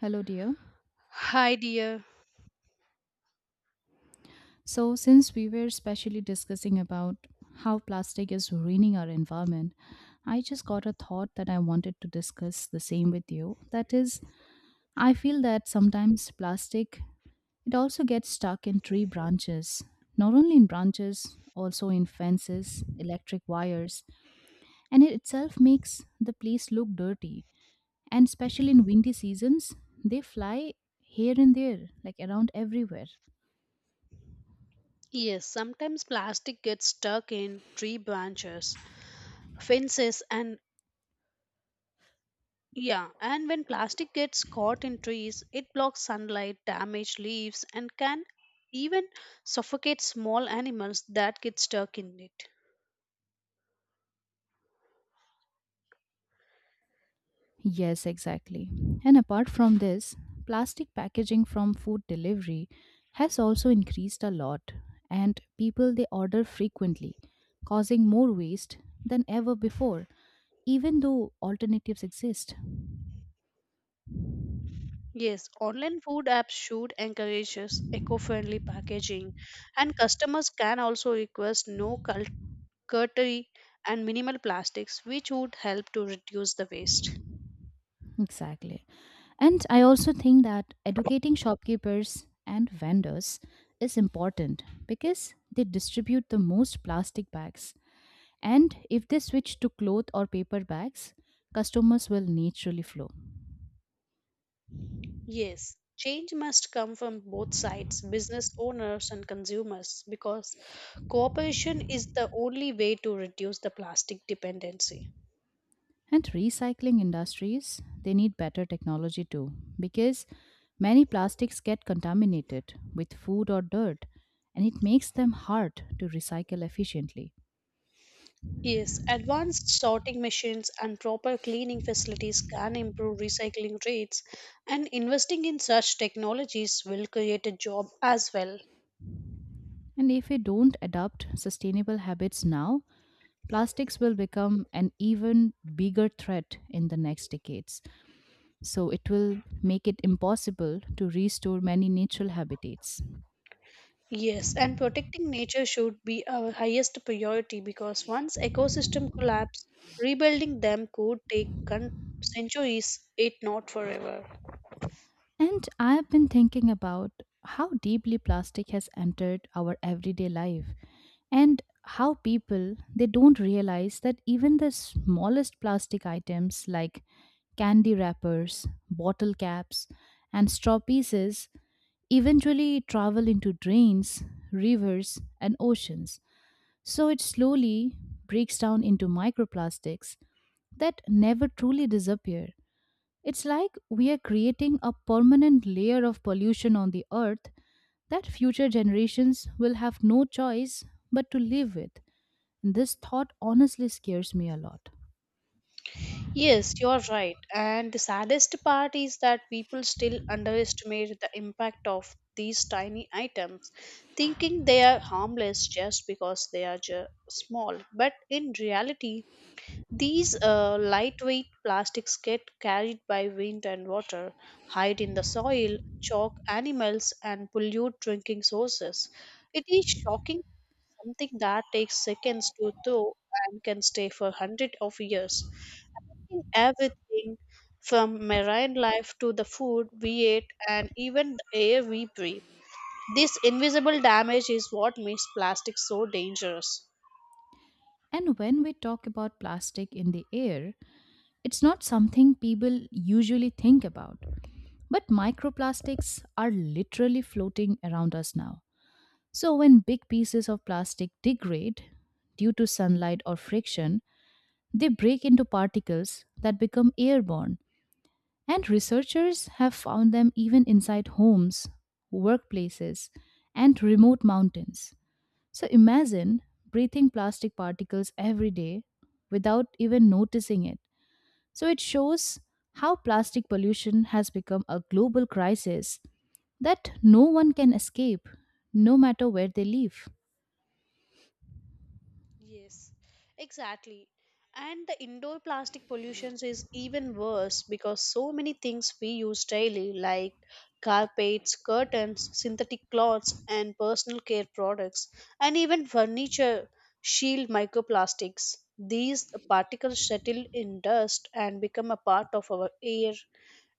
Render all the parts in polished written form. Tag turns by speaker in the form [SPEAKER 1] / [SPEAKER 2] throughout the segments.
[SPEAKER 1] Hello, dear.
[SPEAKER 2] Hi, dear.
[SPEAKER 1] So, since we were specially discussing about how plastic is ruining our environment, I just got a thought that I wanted to discuss the same with you. That is, I feel that sometimes plastic it also gets stuck in tree branches, not only in branches, also in fences, electric wires, and it itself makes the place look dirty. And especially in windy seasons, they fly here and there, like around everywhere.
[SPEAKER 2] Yes, sometimes plastic gets stuck in tree branches, fences, and yeah, and when plastic gets caught in trees, it blocks sunlight, damage leaves, and can even suffocate small animals that get stuck in it.
[SPEAKER 1] Yes, exactly. And apart from this, plastic packaging from food delivery has also increased a lot, and people they order frequently, causing more waste than ever before, even though alternatives exist.
[SPEAKER 2] Yes, online food apps should encourage eco friendly packaging, and customers can also request no cutlery and minimal plastics, which would help to reduce the waste.
[SPEAKER 1] Exactly. And I also think that educating shopkeepers and vendors is important because they distribute the most plastic bags. And if they switch to cloth or paper bags, customers will naturally flow.
[SPEAKER 2] Yes, change must come from both sides, business owners and consumers, because cooperation is the only way to reduce the plastic dependency.
[SPEAKER 1] And recycling industries, they need better technology too because many plastics get contaminated with food or dirt and it makes them hard to recycle efficiently.
[SPEAKER 2] Yes, advanced sorting machines and proper cleaning facilities can improve recycling rates, and investing in such technologies will create a job as well.
[SPEAKER 1] And if we don't adopt sustainable habits now, plastics will become an even bigger threat in the next decades. So it will make it impossible to restore many natural habitats.
[SPEAKER 2] Yes, and protecting nature should be our highest priority because once ecosystem collapse, rebuilding them could take centuries, if not forever.
[SPEAKER 1] And I've been thinking about how deeply plastic has entered our everyday life and how people they don't realize that even the smallest plastic items like candy wrappers, bottle caps, and straw pieces eventually travel into drains, rivers, and oceans. So it slowly breaks down into microplastics that never truly disappear. It's like we are creating a permanent layer of pollution on the earth that future generations will have no choice but to live with. And this thought honestly scares me a lot.
[SPEAKER 2] Yes, you're right. And the saddest part is that people still underestimate the impact of these tiny items, thinking they are harmless just because they are small. But in reality, these lightweight plastics get carried by wind and water, hide in the soil, choke animals, and pollute drinking sources. It is shocking something that takes seconds to thaw and can stay for hundreds of years, in everything from marine life to the food we eat and even the air we breathe. This invisible damage is what makes plastic so dangerous.
[SPEAKER 1] And when we talk about plastic in the air, it's not something people usually think about. But microplastics are literally floating around us now. So when big pieces of plastic degrade due to sunlight or friction, they break into particles that become airborne. And researchers have found them even inside homes, workplaces, and remote mountains. So imagine breathing plastic particles every day without even noticing it. So it shows how plastic pollution has become a global crisis that no one can escape, no matter where they live.
[SPEAKER 2] Yes, exactly. And the indoor plastic pollution is even worse because so many things we use daily, like carpets, curtains, synthetic cloths, and personal care products, and even furniture, shield microplastics. These particles settle in dust and become a part of our air,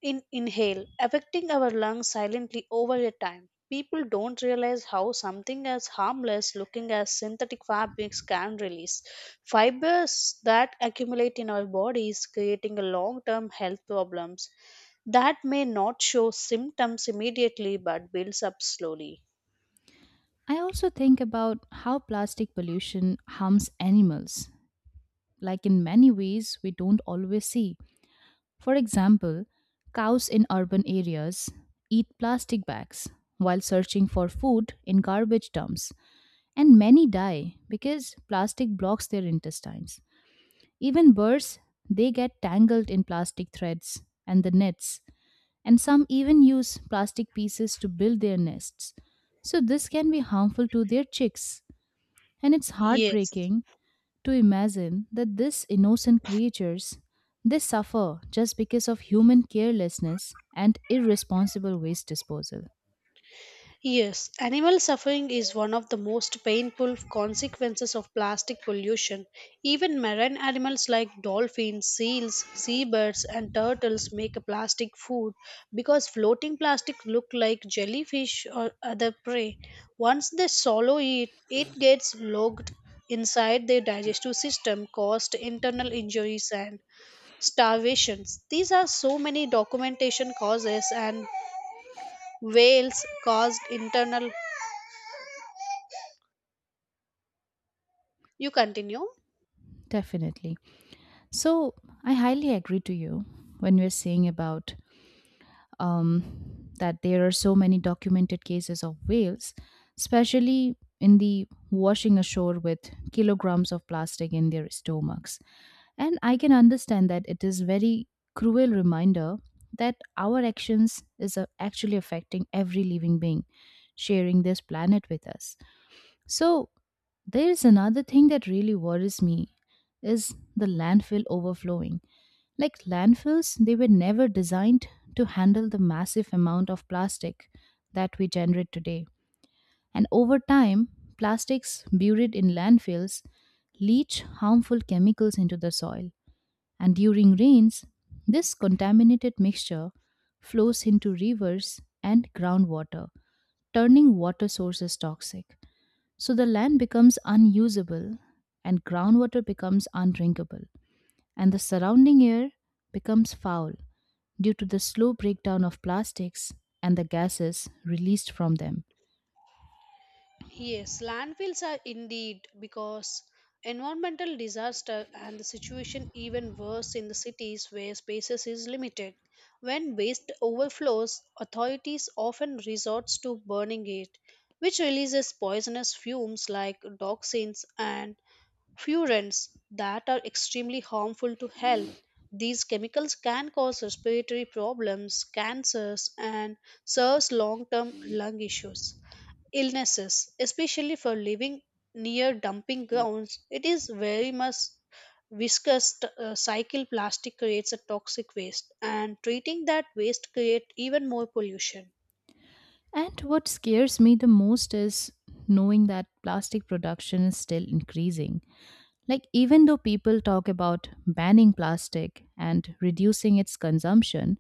[SPEAKER 2] in inhale, affecting our lungs silently over a time. People don't realize how something as harmless looking as synthetic fabrics can release fibers that accumulate in our bodies, creating a long term health problems that may not show symptoms immediately but builds up slowly.
[SPEAKER 1] I also think about how plastic pollution harms animals, like in many ways we don't always see. For example, cows in urban areas eat plastic bags while searching for food in garbage dumps, and many die because plastic blocks their intestines. Even birds, they get tangled in plastic threads and the nets, and some even use plastic pieces to build their nests. So, this can be harmful to their chicks, and it's
[SPEAKER 2] Yes.
[SPEAKER 1] heartbreaking to imagine that these innocent creatures they suffer just because of human carelessness and irresponsible waste disposal.
[SPEAKER 2] Yes, animal suffering is one of the most painful consequences of plastic pollution. Even marine animals like dolphins, seals, seabirds, and turtles make a plastic food because floating plastic look like jellyfish or other prey. Once they swallow it, it gets lodged inside their digestive system, caused internal injuries and starvations. These are so many documentation causes and whales caused internal. You continue?
[SPEAKER 1] Definitely. So I highly agree to you when we're saying about um, that there are so many documented cases of whales especially in the washing ashore with kilograms of plastic in their stomachs. And I can understand that it is very cruel reminder that our actions is actually affecting every living being sharing this planet with us. So there is another thing that really worries me is the landfill overflowing. Like landfills, they were never designed to handle the massive amount of plastic that we generate today. And over time, plastics buried in landfills leach harmful chemicals into the soil and during rains, this contaminated mixture flows into rivers and groundwater, turning water sources toxic. So the land becomes unusable and groundwater becomes undrinkable, and the surrounding air becomes foul due to the slow breakdown of plastics and the gases released from them.
[SPEAKER 2] Yes, landfills are indeed because environmental disaster and the situation even worse in the cities where spaces is limited. When waste overflows, authorities often resorts to burning it, which releases poisonous fumes like dioxins and furans that are extremely harmful to health. These chemicals can cause respiratory problems, cancers, and serious long term lung issues illnesses, especially for living near dumping grounds, it is very much viscous cycle plastic creates a toxic waste and treating that waste create even more pollution.
[SPEAKER 1] And what scares me the most is knowing that plastic production is still increasing. Like, even though people talk about banning plastic and reducing its consumption,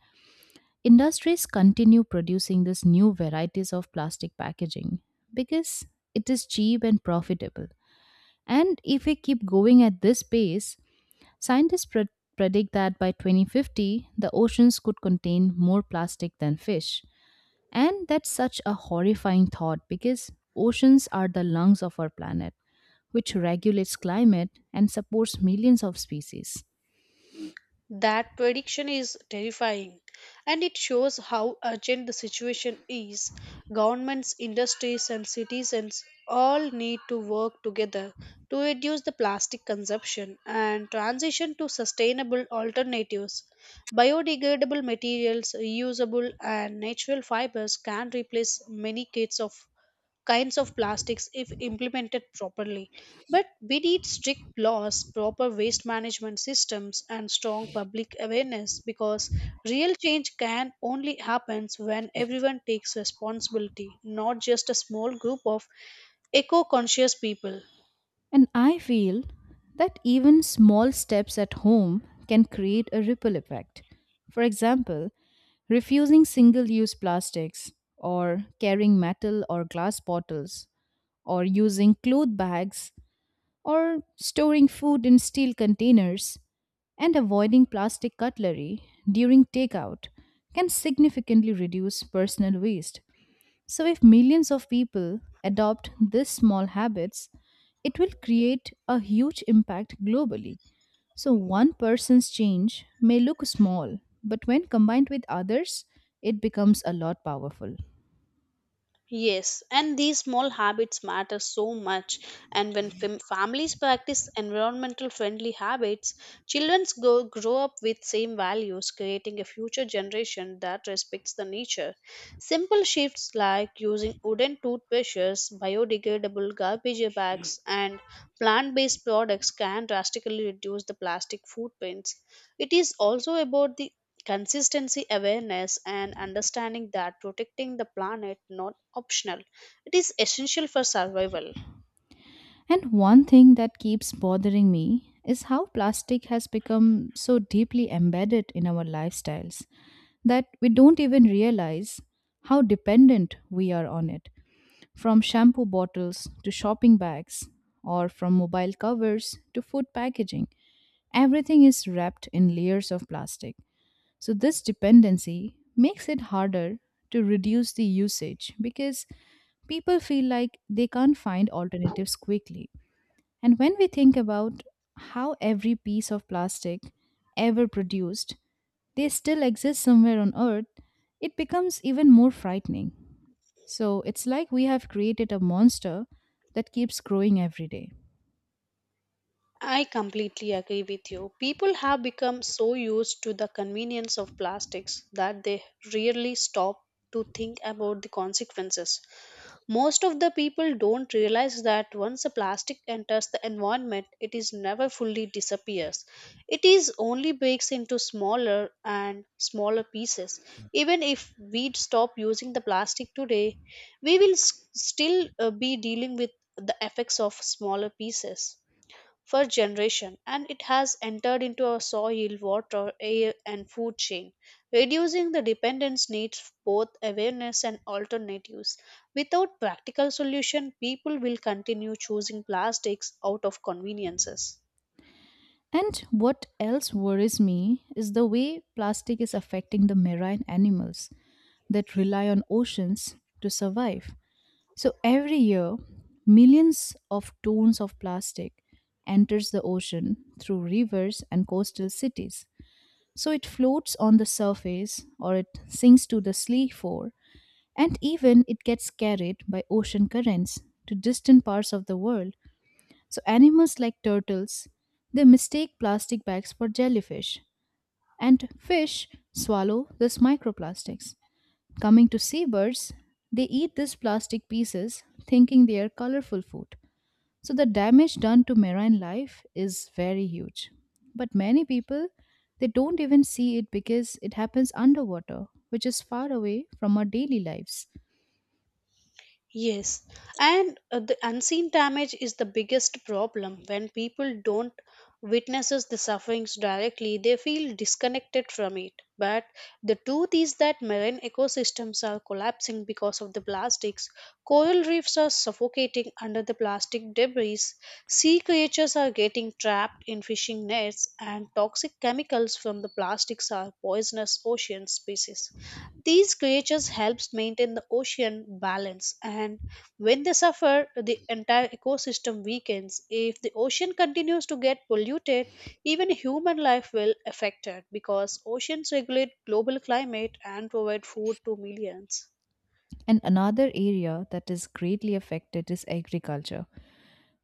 [SPEAKER 1] industries continue producing these new varieties of plastic packaging because it is cheap and profitable. And if we keep going at this pace, scientists pre- predict that by 2050, the oceans could contain more plastic than fish. And that's such a horrifying thought because oceans are the lungs of our planet which regulates climate and supports millions of species.
[SPEAKER 2] That prediction is terrifying and it shows how urgent the situation is. Governments, industries, and citizens all need to work together to reduce the plastic consumption and transition to sustainable alternatives. Biodegradable materials, reusable, and natural fibers can replace many kinds of plastics if implemented properly. But we need strict laws, proper waste management systems, and strong public awareness because real change can only happen when everyone takes responsibility, not just a small group of eco conscious people.
[SPEAKER 1] And I feel that even small steps at home can create a ripple effect. For example, refusing single use plastics, or carrying metal or glass bottles, or using cloth bags, or storing food in steel containers, and avoiding plastic cutlery during takeout can significantly reduce personal waste. So, if millions of people adopt these small habits, it will create a huge impact globally. So, one person's change may look small, but when combined with others, it becomes a lot powerful.
[SPEAKER 2] Yes, and these small habits matter so much. And when families practice environmental friendly habits, children grow up with same values, creating a future generation that respects the nature. Simple shifts like using wooden toothbrushes, biodegradable garbage bags, and plant based products can drastically reduce the plastic footprints. It is also about the consistency awareness and understanding that protecting the planet not optional, it is essential for survival.
[SPEAKER 1] And one thing that keeps bothering me is how plastic has become so deeply embedded in our lifestyles, that we don't even realize how dependent we are on it. From shampoo bottles to shopping bags, or from mobile covers to food packaging, everything is wrapped in layers of plastic. So, this dependency makes it harder to reduce the usage because people feel like they can't find alternatives quickly. And when we think about how every piece of plastic ever produced they still exist somewhere on Earth, it becomes even more frightening. So it's like we have created a monster that keeps growing every day.
[SPEAKER 2] I completely agree with you. People have become so used to the convenience of plastics that they rarely stop to think about the consequences. Most of the people don't realize that once a plastic enters the environment, it is never fully disappears. It is only breaks into smaller and smaller pieces. Even if we stop using the plastic today, we will still be dealing with the effects of smaller pieces for generation and it has entered into our soil, water, air and food chain, reducing the dependence needs both awareness and alternatives. Without practical solution, people will continue choosing plastics out of conveniences.
[SPEAKER 1] And what else worries me is the way plastic is affecting the marine animals that rely on oceans to survive. So every year, millions of tons of plastic enters the ocean through rivers and coastal cities. So it floats on the surface or it sinks to the sea floor. And even it gets carried by ocean currents to distant parts of the world. So animals like turtles, they mistake plastic bags for jellyfish, and fish swallow these microplastics. Coming to seabirds, they eat these plastic pieces thinking they are colorful food. So the damage done to marine life is very huge. But many people they don't even see it because it happens underwater, which is far away from our daily lives.
[SPEAKER 2] Yes, and the unseen damage is the biggest problem. When people don't witnesses the sufferings directly, they feel disconnected from it. But the truth is that marine ecosystems are collapsing because of the plastics. Coral reefs are suffocating under the plastic debris. Sea creatures are getting trapped in fishing nets, and toxic chemicals from the plastics are poisonous ocean species. These creatures helps maintain the ocean balance and when they suffer the entire ecosystem weakens. If the ocean continues to get polluted, even human life will affect it because oceans regulate global climate and provide food to millions.
[SPEAKER 1] And another area that is greatly affected is agriculture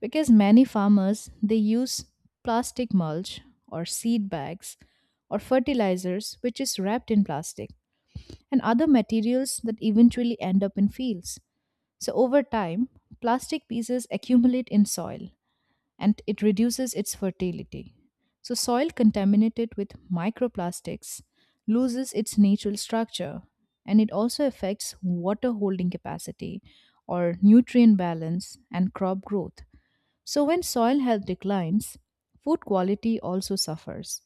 [SPEAKER 1] because many farmers they use plastic mulch or seed bags or fertilizers which is wrapped in plastic and other materials that eventually end up in fields. So over time, plastic pieces accumulate in soil and it reduces its fertility. So, soil contaminated with microplastics loses its natural structure and it also affects water holding capacity or nutrient balance and crop growth. So, when soil health declines, food quality also suffers.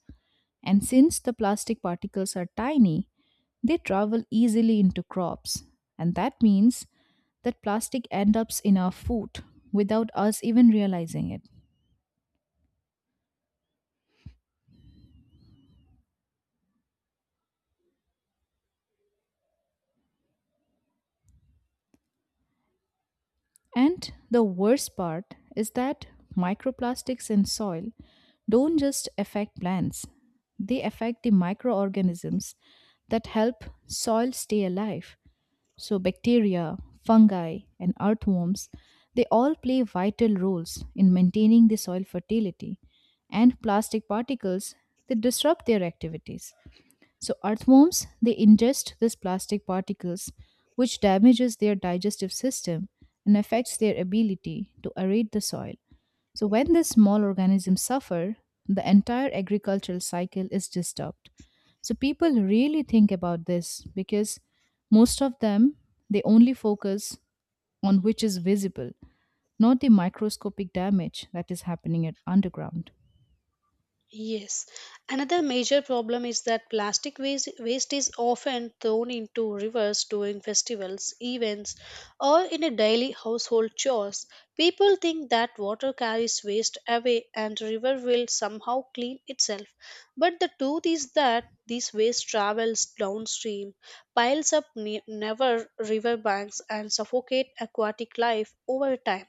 [SPEAKER 1] And since the plastic particles are tiny, they travel easily into crops. And that means that plastic ends up in our food without us even realizing it. And the worst part is that microplastics in soil don't just affect plants, they affect the microorganisms that help soil stay alive. So, bacteria, fungi, and earthworms, they all play vital roles in maintaining the soil fertility, and plastic particles, they disrupt their activities. So earthworms, they ingest these plastic particles, which damages their digestive system and affects their ability to aerate the soil. So when these small organisms suffer, the entire agricultural cycle is disturbed. So people really think about this because most of them they only focus on which is visible, not the microscopic damage that is happening at underground.
[SPEAKER 2] Yes. Another major problem is that plastic waste is often thrown into rivers during festivals, events, or in a daily household chores. People think that water carries waste away and river will somehow clean itself. But the truth is that this waste travels downstream, piles up never river banks and suffocate aquatic life over time.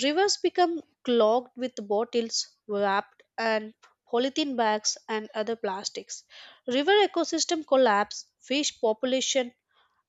[SPEAKER 2] Rivers become clogged with bottles, wrapped and polythene bags and other plastics. River ecosystem collapse, fish population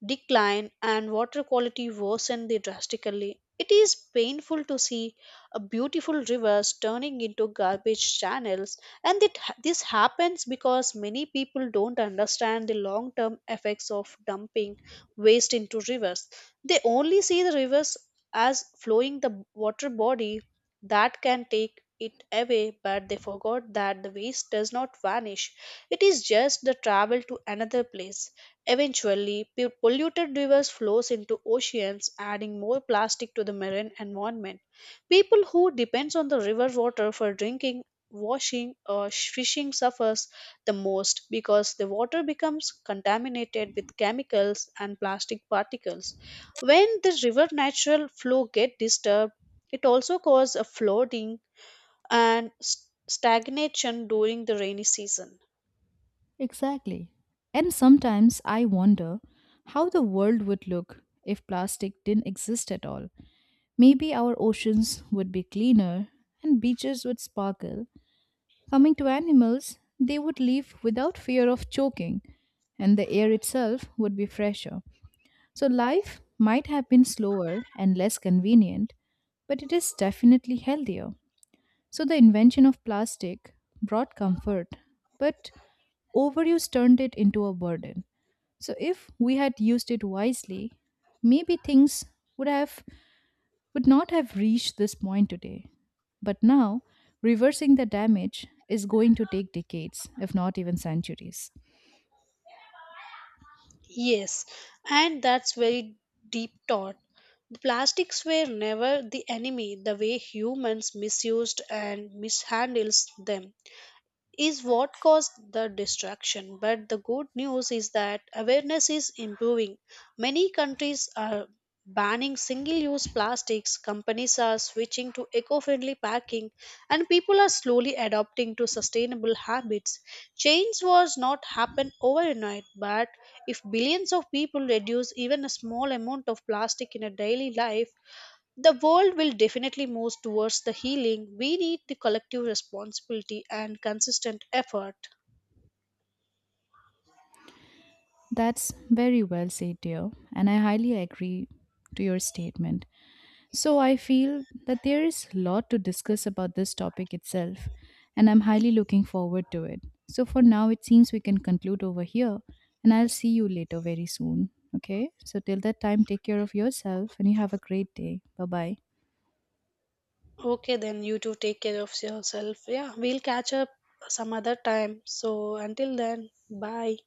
[SPEAKER 2] decline and water quality worsened drastically. It is painful to see a beautiful rivers turning into garbage channels and this happens because many people don't understand the long term effects of dumping waste into rivers. They only see the rivers as flowing the water body that can take it away but they forgot that the waste does not vanish, it is just the travel to another place. Eventually, polluted rivers flows into oceans, adding more plastic to the marine environment. People who depends on the river water for drinking, washing, or fishing suffers the most because the water becomes contaminated with chemicals and plastic particles. When the river natural flow get disturbed, it also causes a flooding and stagnation during the rainy season.
[SPEAKER 1] Exactly. And sometimes I wonder how the world would look if plastic didn't exist at all. Maybe our oceans would be cleaner and beaches would sparkle. Coming to animals, they would live without fear of choking, and the air itself would be fresher. So life might have been slower and less convenient, but it is definitely healthier. So the invention of plastic brought comfort, but overuse turned it into a burden. So if we had used it wisely, maybe things would have would not have reached this point today. But now, reversing the damage is going to take decades, if not even centuries.
[SPEAKER 2] Yes, and that's very deep thought. The plastics were never the enemy, the way humans misused and mishandles them is what caused the distraction. But the good news is that awareness is improving. Many countries are banning single use plastics, companies are switching to eco friendly packing, and people are slowly adopting to sustainable habits. Change was not happen overnight, but if billions of people reduce even a small amount of plastic in a daily life, the world will definitely move towards the healing. We need the collective responsibility and consistent effort.
[SPEAKER 1] That's very well said, dear, and I highly agree to your statement. So I feel that there is a lot to discuss about this topic itself, and I'm highly looking forward to it. So for now, it seems we can conclude over here, and I'll see you later very soon. Okay, so till that time, take care of yourself and you have a great day. Bye bye.
[SPEAKER 2] Okay, then you too take care of yourself. Yeah, we'll catch up some other time. So until then, bye.